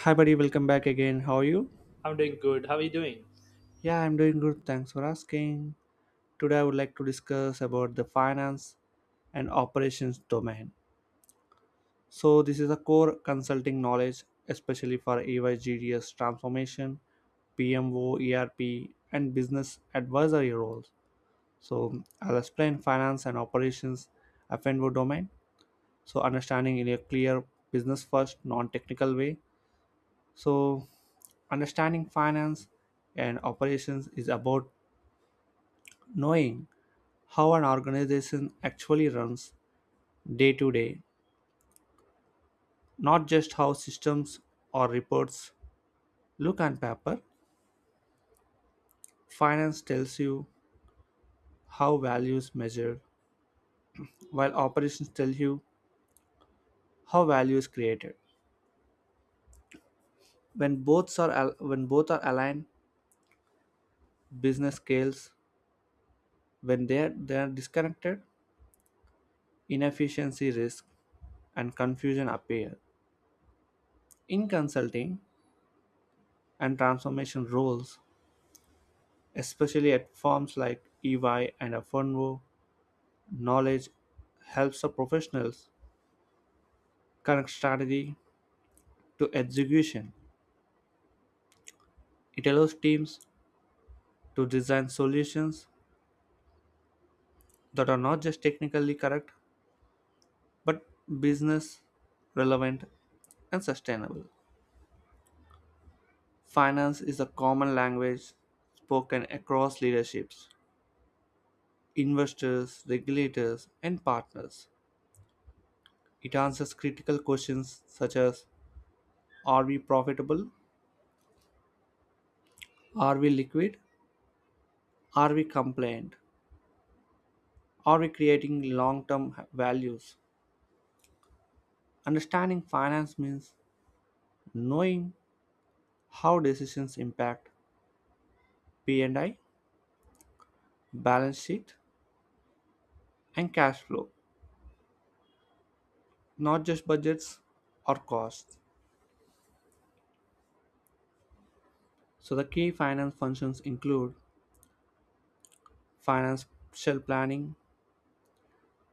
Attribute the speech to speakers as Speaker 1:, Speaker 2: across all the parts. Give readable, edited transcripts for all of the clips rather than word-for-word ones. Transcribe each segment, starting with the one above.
Speaker 1: Hi, buddy. Welcome back again. How are you?
Speaker 2: I'm doing good. How are you doing?
Speaker 1: Yeah, I'm doing good. Thanks for asking. Today, I would like to discuss about the finance and operations domain. So, this is a core consulting knowledge, especially for EYGDS transformation, PMO, ERP, and business advisory roles. So, I'll explain finance and operations FNO domain. So, understanding in a clear business first, non technical way. So, understanding finance and operations is about knowing how an organization actually runs day to day, not just how systems or reports look on paper. Finance tells you how value is measured, while operations tell you how value is created. When both are aligned, business scales. When they are disconnected, inefficiency risk and confusion appear. In consulting and transformation roles, especially at firms like EY and Fernwo, knowledge helps the professionals connect strategy to execution. It allows teams to design solutions that are not just technically correct but business relevant and sustainable. Finance is a common language spoken across leaderships, investors, regulators, and partners. It answers critical questions such as: Are we profitable? Are we liquid? Are we compliant? Are we creating long term values? Understanding finance means knowing how decisions impact P&I, balance sheet, and cash flow, not just budgets or costs. So, the key finance functions include financial planning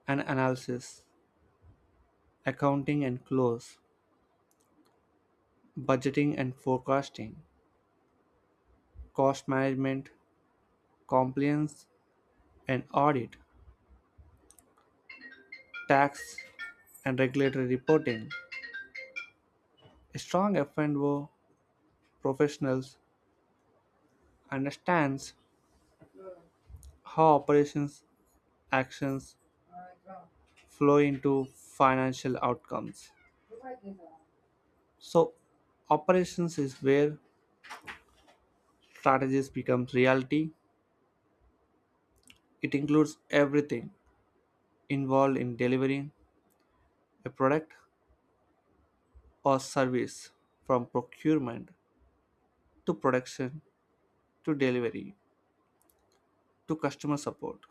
Speaker 1: and analysis, accounting and close, budgeting and forecasting, cost management, compliance and audit, tax and regulatory reporting. A strong F&O professional understands how operations actions flow into financial outcomes. So, operations is where strategies becomes reality. It includes everything involved in delivering a product or service, from procurement to production to delivery to customer support,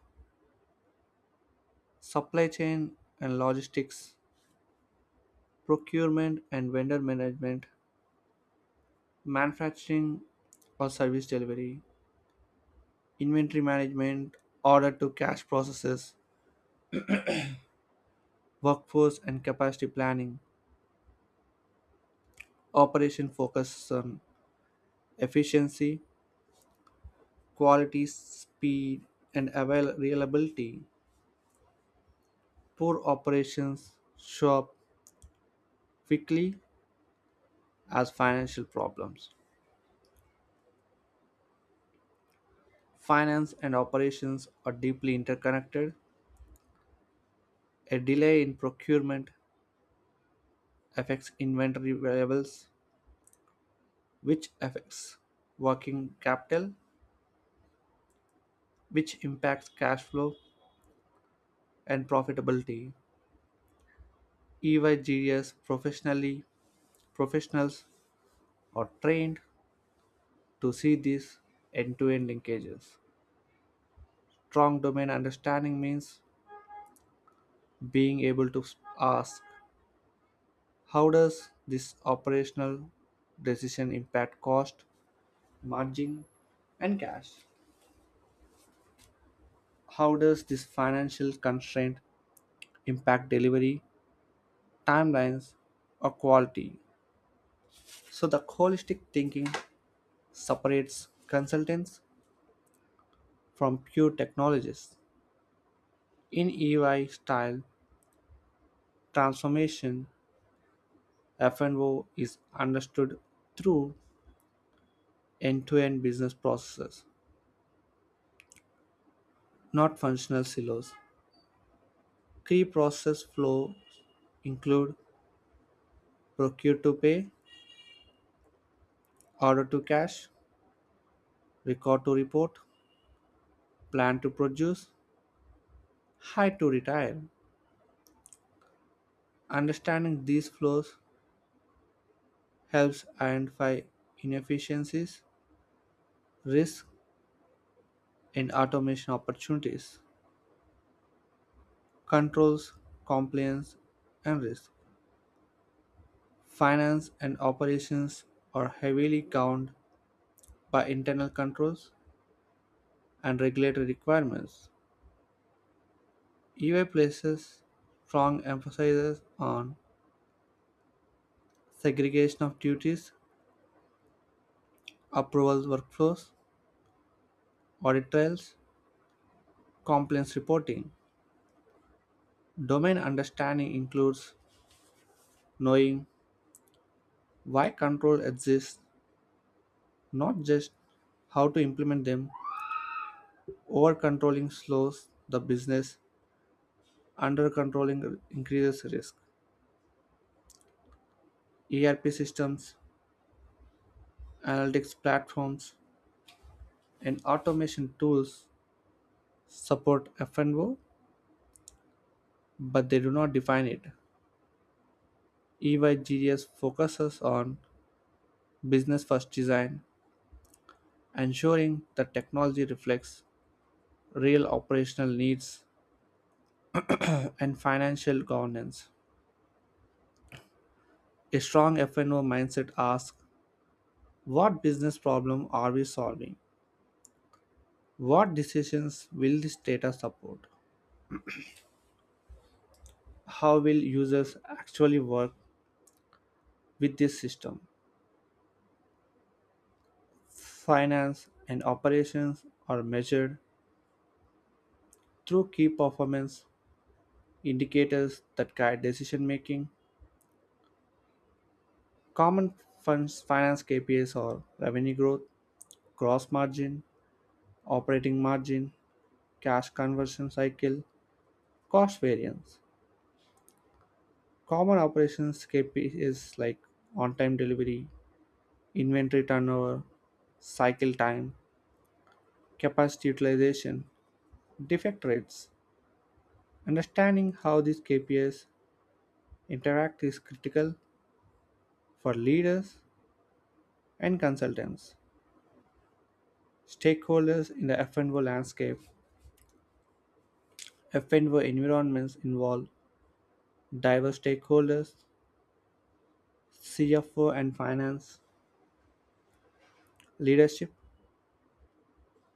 Speaker 1: supply chain and logistics, procurement and vendor management, manufacturing or service delivery, inventory management, order to cash processes, workforce and capacity planning. Operation focus on efficiency, quality, speed, and reliability. Poor operations show up quickly as financial problems. Finance and operations are deeply interconnected. A delay in procurement affects inventory levels, which affects working capital, which impacts cash flow and profitability. EYGS professionally professionals are trained to see these end-to-end linkages. Strong domain understanding means being able to ask: how does this operational decision impact cost, margin, and cash? How does this financial constraint impact delivery, timelines, or quality? So the holistic thinking separates consultants from pure technologists. In EY style transformation, FNO is understood through end to end business processes, not functional silos. Key process flows include procure to pay, order to cash, record to report, plan to produce, hire to retire. Understanding these flows helps identify inefficiencies, risks, and automation opportunities. Controls, compliance, and risk: finance and operations are heavily governed by internal controls and regulatory requirements. EY places strong emphasis on segregation of duties, approval workflows, audit trails, compliance reporting. Domain understanding includes knowing why control exists, not just how to implement them. Over controlling slows the business. Under controlling increases risk. ERP systems, analytics platforms, and automation tools support FNO, but they do not define it. EYGS focuses on business first design, ensuring that technology reflects real operational needs and financial governance. A strong FNO mindset asks: what business problem are we solving? What decisions will this data support? How will users actually work with this system? Finance and operations are measured through key performance indicators that guide decision making. Common funds finance KPIs are revenue growth, gross margin, operating margin, cash conversion cycle, cost variance. Common operations KPIs like on time delivery, inventory turnover, cycle time, capacity utilization, defect rates. Understanding how these KPIs interact is critical for leaders and consultants. Stakeholders in the F&O landscape: F&O environments involve diverse stakeholders, CFO and finance, leadership,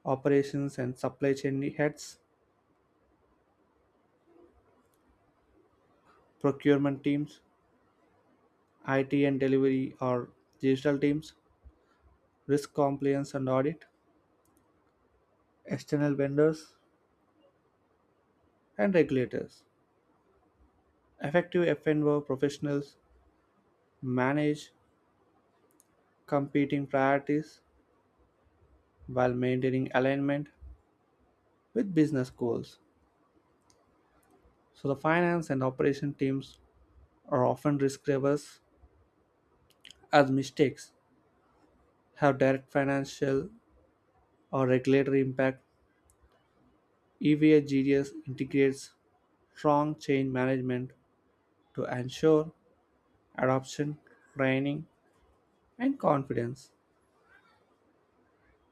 Speaker 1: operations and supply chain heads, procurement teams, IT and delivery or digital teams, risk compliance and audit, external vendors, and regulators. Effective F&O professionals manage competing priorities while maintaining alignment with business goals. So, the finance and operation teams are often risk averse, as mistakes have direct financial or regulatory impact. EVA GDS integrates strong change management to ensure adoption, training, and confidence.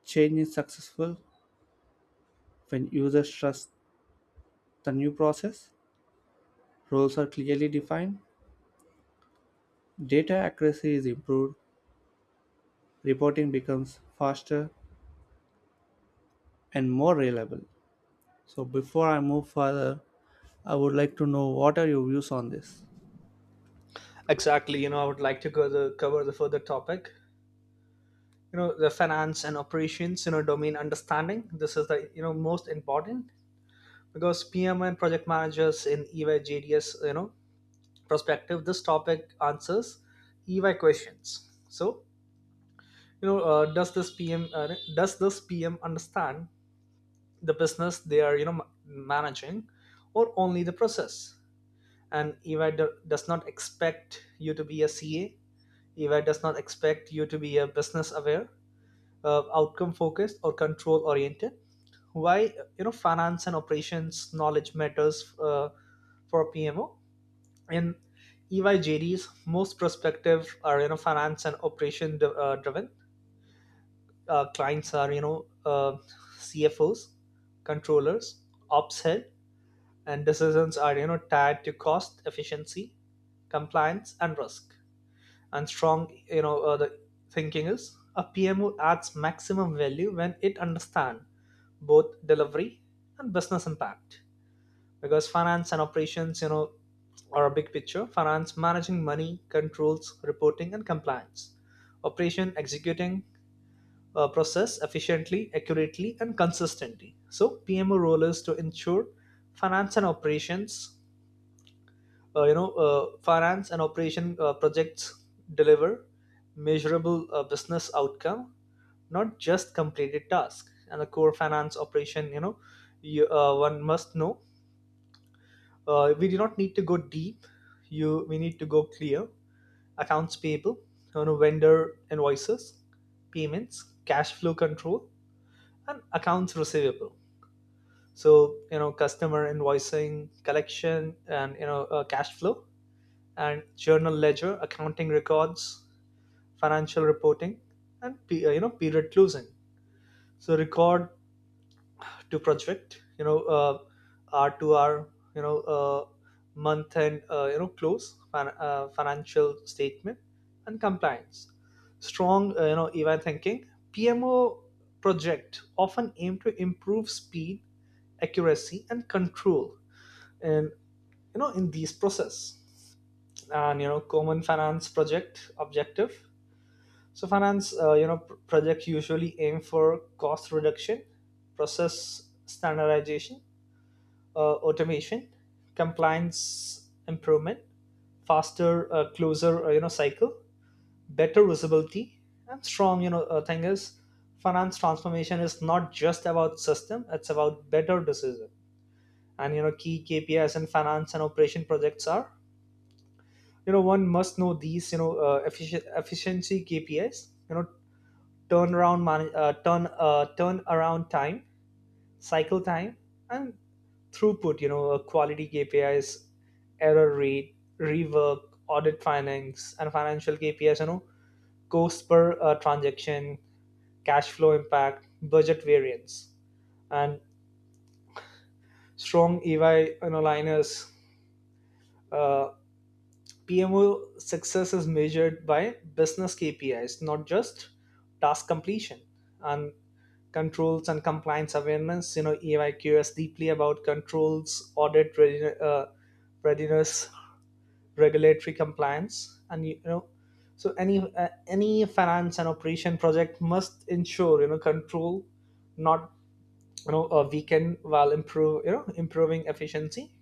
Speaker 1: Change is successful when users trust the new process, roles are clearly defined, data accuracy is improved, reporting becomes faster and more reliable. So before I move further, I would like to know what are your views on this?
Speaker 2: Exactly. I would like to cover the further topic. The finance and operations. Domain understanding. This is the most important because PM and project managers in EY JDS. Perspective. This topic answers EY questions. So you know, uh, does this PM uh, does this PM understand the business they are managing, or only the process? And EY does not expect you to be a CA. EY does not expect you to be a business aware, outcome focused, or control oriented. Why finance and operations knowledge matters, for PMO in EY JDs. Most prospective are finance and operation driven. Clients are CFOs, controllers, ops head, and decisions are tied to cost efficiency, compliance, and risk. And strong you know the thinking is a PMO adds maximum value when it understands both delivery and business impact, because finance and operations, are a big picture. Finance managing money, controls, reporting and compliance; operation executing a process efficiently, accurately and consistently. So PMO role is to ensure finance and operations, finance and operation, projects deliver measurable, business outcome, not just completed task. And the core finance operation, one must know, we do not need to go deep, you we need to go clear. Accounts payable, vendor invoices, payments, cash flow control, and accounts receivable. So customer invoicing, collection, and cash flow, and journal ledger, accounting records, financial reporting, and period closing. So record to project, R to R, you know uh, month end, close, financial statement, and compliance. Strong, event thinking. PMO project often aim to improve speed, accuracy, and control, and in these process. And common finance project objective. So finance, project usually aim for cost reduction, process standardization, automation, compliance improvement, faster, closer, cycle, better visibility. And strong thing is finance transformation is not just about system, it's about better decision. And key KPIs in finance and operation projects are, one must know these, efficiency KPIs, turnaround turn around time, cycle time, and throughput, quality KPIs, error rate, rework, audit findings, and financial KPIs, cost per, transaction, cash flow impact, budget variance. And strong EY, liners, uh, PMO success is measured by business KPIs, not just task completion. And controls and compliance awareness, EY cares deeply about controls, audit readiness, readiness, regulatory compliance, and so any finance and operation project must ensure, control, not a weaken while improve you know improving efficiency,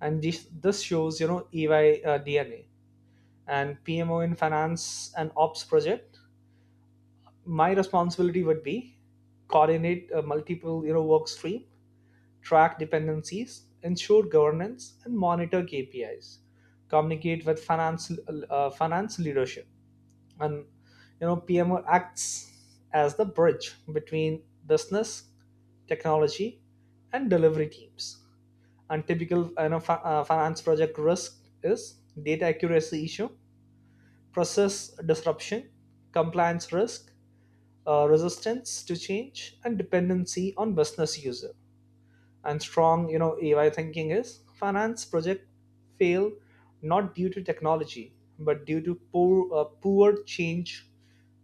Speaker 2: and this shows, EY, DNA. And PMO in finance and ops project, my responsibility would be coordinate, multiple, work stream, track dependencies, ensure governance, and monitor KPIs. Communicate with finance leadership, and PMO acts as the bridge between business, technology, and delivery teams. And typical, finance project risk is data accuracy issue, process disruption, compliance risk, resistance to change, and dependency on business user. And strong, AI thinking is finance project fail not due to technology but due to poor change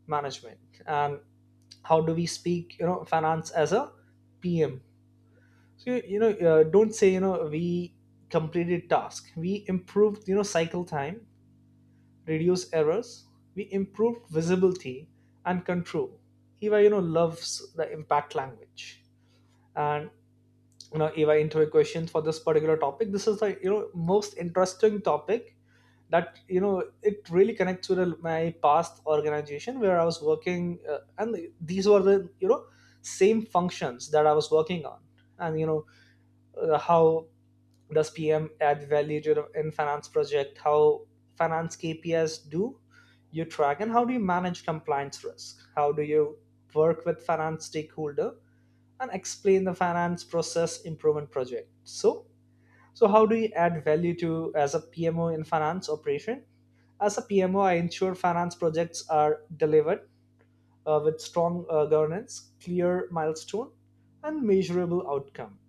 Speaker 2: management. And how do we speak, finance as a PM? So don't say, we completed task. We improved, cycle time, reduce errors, we improved visibility and control. Eva, loves the impact language. And Eva into questions for this particular topic. This is the most interesting topic that, it really connects with my past organization where I was working, and these were the same functions that I was working on. And how does PM add value to in finance project? How finance KPIs do you track, and how do you manage compliance risk? How do you work with finance stakeholder and explain the finance process improvement project? So, so how do you add value to as a PMO in finance operation? As a PMO, I ensure finance projects are delivered, with strong, governance, clear milestone, and measurable outcome.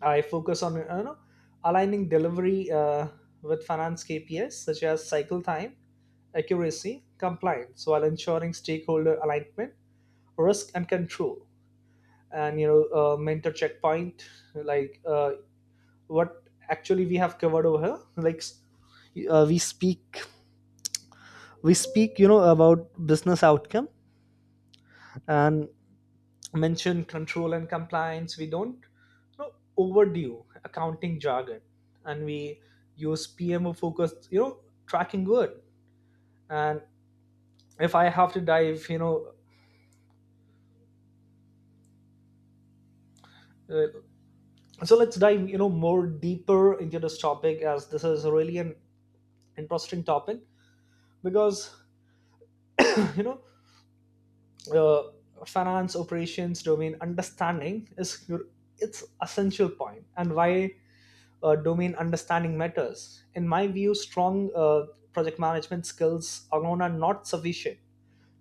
Speaker 2: I focus on, aligning delivery, with finance KPIs such as cycle time, accuracy, compliance, while ensuring stakeholder alignment, risk and control, and mentor checkpoint like, what actually we have covered over here. Uh, we speak we speak, about business outcome, and mention control and compliance. We don't, overdue accounting jargon, and we use PMO focused, tracking word. And if I have to dive, uh, so let's dive, more deeper into this topic, as this is really an interesting topic because you know uh, finance operations domain understanding is your it's essential point. And why, domain understanding matters. In my view, strong, project management skills alone are not sufficient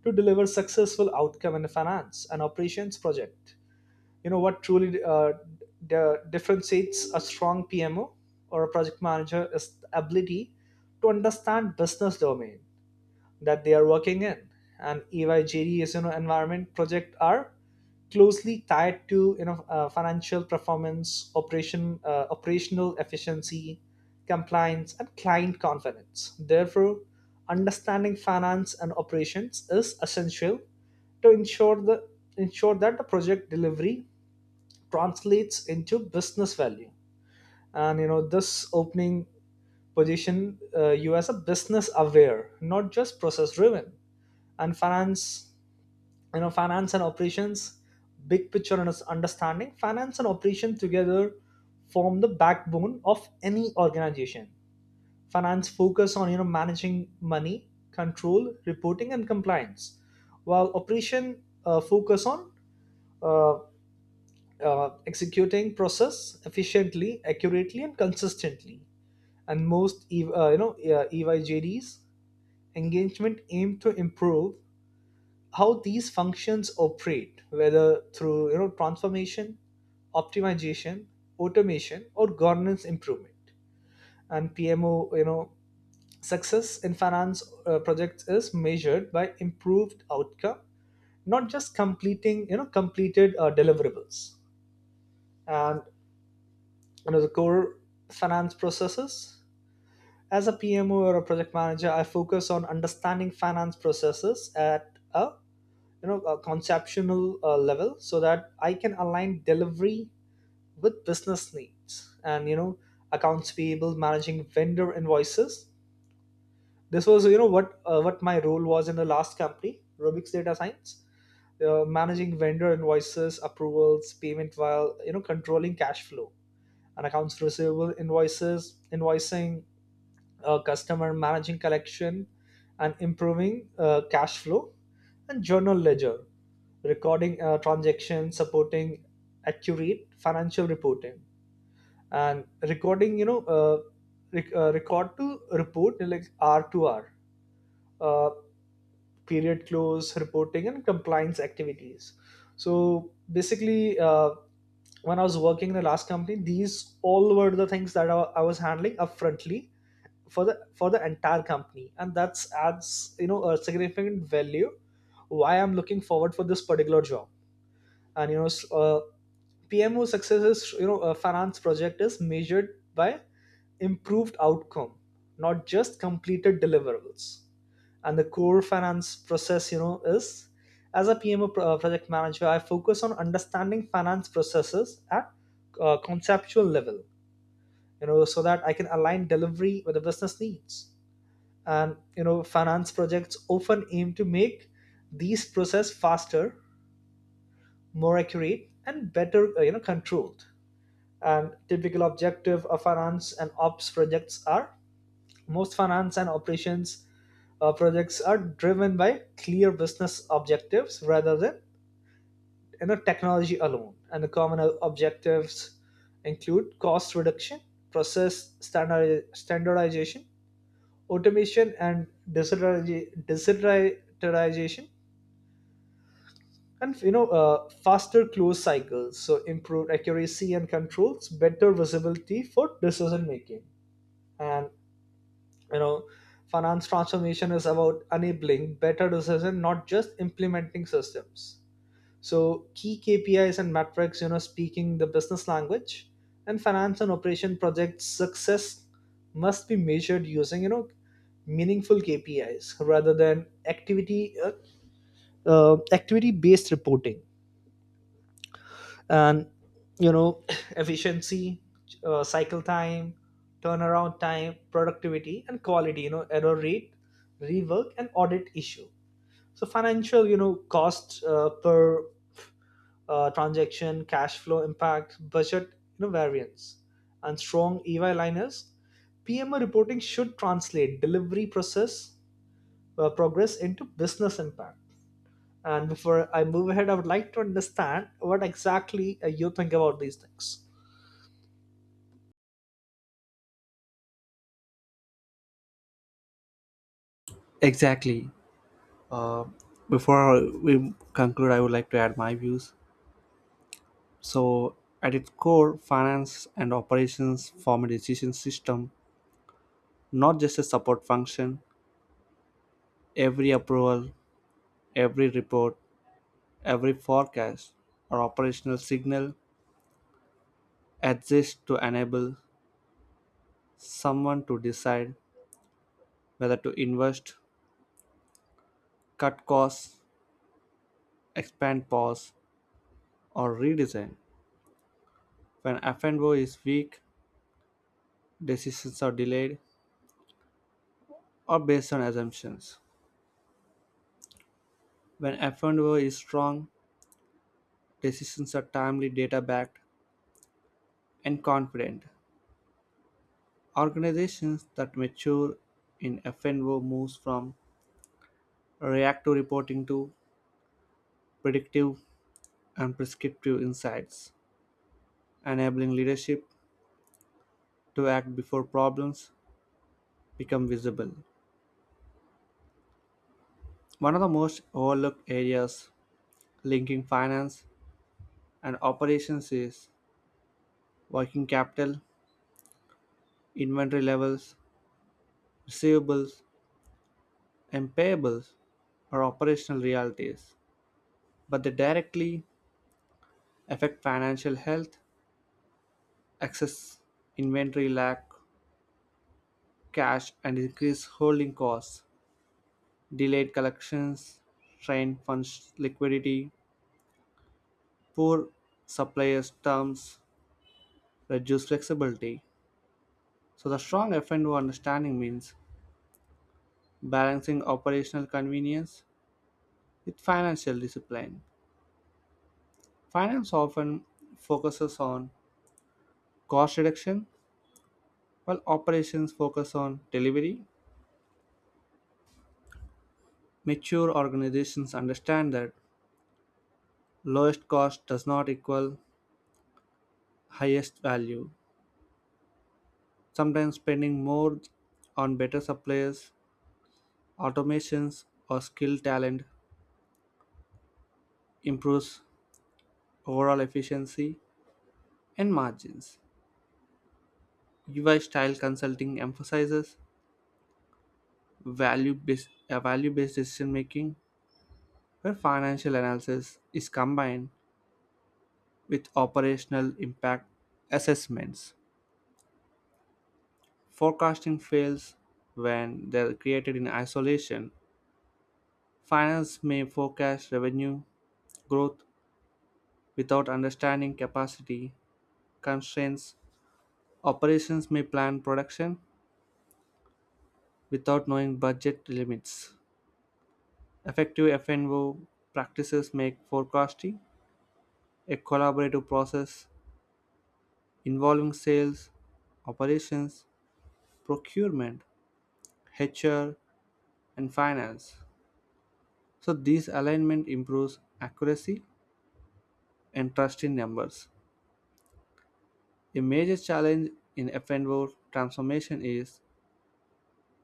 Speaker 2: to deliver successful outcome in a finance and operations project. What truly, differentiates a strong PMO or a project manager is the ability to understand business domain that they are working in. And EYGD is, environment project are closely tied to, financial performance, operational efficiency, compliance, and client confidence. Therefore, understanding finance and operations is essential to ensure that the project delivery translates into business value. And this opening position, you as a business aware, not just process driven. And finance, finance and operations big picture. And understanding finance and operation together form the backbone of any organization. Finance focus on, managing money, control, reporting and compliance, while operation focus on, uh, executing process efficiently, accurately and consistently. And most EYJDs engagement aim to improve how these functions operate, whether through, transformation, optimization, automation, or governance improvement. And PMO, success in finance projects is measured by improved outcome, not just completing you know completed, deliverables. And the core finance processes. As a PMO or a project manager, I focus on understanding finance processes at a you know a conceptual, level, so that I can align delivery with business needs. And accounts payable managing vendor invoices. This was, what my role was in the last company, Rubik's Data Science, managing vendor invoices, approvals, payment, while, controlling cash flow. And accounts receivable invoices, invoicing, customer, managing collection, and improving, cash flow. And journal ledger recording, transactions, supporting accurate financial reporting, and recording, record to report like R to R, uh, period close, reporting, and compliance activities. So basically, when I was working in the last company, these all were the things that I was handling upfrontly for the entire company, and that's adds, a significant value why I'm looking forward for this particular job. And PMO successes, a finance project is measured by improved outcome, not just completed deliverables. And the core finance process, is as a PMO, project manager, I focus on understanding finance processes at, conceptual level, so that I can align delivery with the business needs. And finance projects often aim to make these process faster, more accurate and better, controlled. And typical objective of finance and ops projects are, most finance and operations, projects are driven by clear business objectives rather than, technology alone. And the common objectives include cost reduction, standardization, automation and digitalization. And faster close cycles, so improved accuracy and controls, better visibility for decision making. And you know finance transformation is about enabling better decision, not just implementing systems. So key KPIs and metrics, speaking the business language. And finance and operation project success must be measured using, meaningful KPIs rather than activity based reporting. And you know efficiency, cycle time, turnaround time, productivity and quality, error rate, rework and audit issue. So financial, cost per, transaction, cash flow impact, budget, variance. And strong EY liners, PMO reporting should translate delivery process progress into business impact. And before I move ahead, I would like to understand what exactly, you think about these things.
Speaker 1: Exactly. Before we conclude, I would like to add my views. So, at its core, finance and operations form a decision system, not just a support function. Every approval, every report, every forecast or operational signal exists to enable someone to decide whether to invest, cut costs, expand, pause, or redesign. When F&O is weak, decisions are delayed or based on assumptions. When F&O is strong, decisions are timely, data backed, and confident. Organizations that mature in F&O moves from reactive reporting to predictive and prescriptive insights, enabling leadership to act before problems become visible. One of the most overlooked areas linking finance and operations is working capital. Inventory levels, receivables, and payables are operational realities, but they directly affect financial health: excess inventory lack, cash, and increased holding costs, delayed collections, strained funds liquidity, poor suppliers terms, reduced flexibility. So the strong F&O understanding means balancing operational convenience with financial discipline. Finance often focuses on cost reduction, while operations focus on delivery. Mature organizations understand that lowest cost does not equal highest value. Sometimes spending more on better suppliers, automations, or skilled talent improves overall efficiency and margins. UI style consulting emphasizes value-based decision making, where financial analysis is combined with operational impact assessments. Forecasting fails when they're created in isolation. Finance may forecast revenue growth without understanding capacity constraints. Operations may plan production without knowing budget limits. Effective F&O practices make forecasting a collaborative process involving sales, operations, procurement, HR, and finance. So this alignment improves accuracy and trust in numbers. A major challenge in FNO transformation is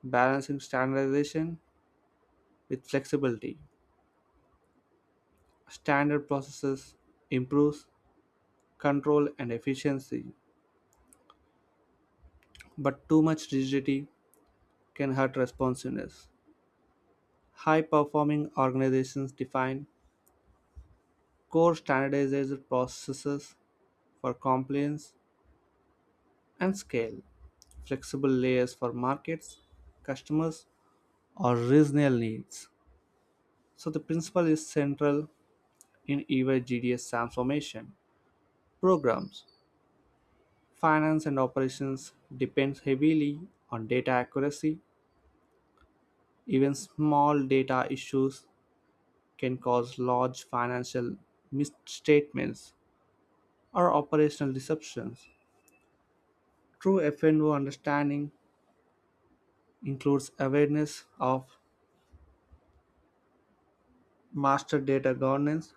Speaker 1: balancing standardization with flexibility. Standard processes improves control and efficiency, but too much rigidity can hurt responsiveness. High performing organizations define core standardized processes for compliance and scale, flexible layers for markets, customers, or regional needs. So the principle is central in even GDS transformation programs. Finance and operations depends heavily on data accuracy. Even small data issues can cause large financial misstatements or operational deceptions. True FNO understanding includes awareness of master data governance,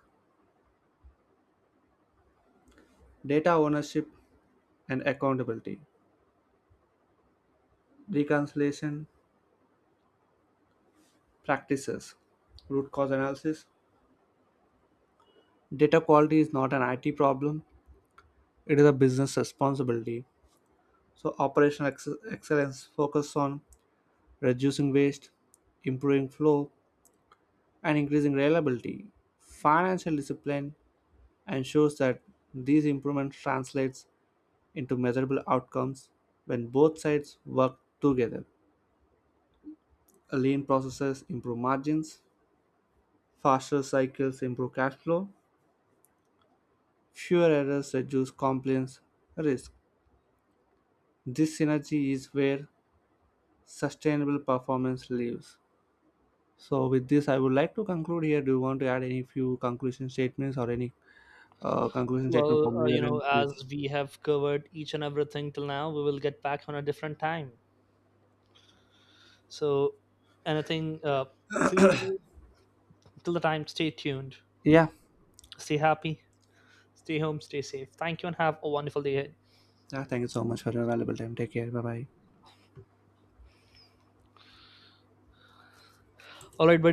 Speaker 1: data ownership, and accountability, reconciliation practices, root cause analysis. Data quality is not an IT problem, it is a business responsibility. So, operational excellence focuses on reducing waste, improving flow, and increasing reliability. Financial discipline ensures that these improvements translates into measurable outcomes. When both sides work together, lean processes improve margins, faster cycles improve cash flow, fewer errors reduce compliance risk. This synergy is where sustainable performance lives. So, with this, I would like to conclude here. Do you want to add any few conclusion statements or any conclusion statement
Speaker 2: Well,
Speaker 1: from your end, please?
Speaker 2: as we have covered each and everything till now, we will get back on a different time. So, anything, so you, till the time, stay tuned,
Speaker 1: Yeah.
Speaker 2: stay happy, stay home, stay safe. Thank you, and have a wonderful day ahead.
Speaker 1: Yeah. Thank you so much for your valuable time. Take care. Bye bye.
Speaker 2: All right, buddy.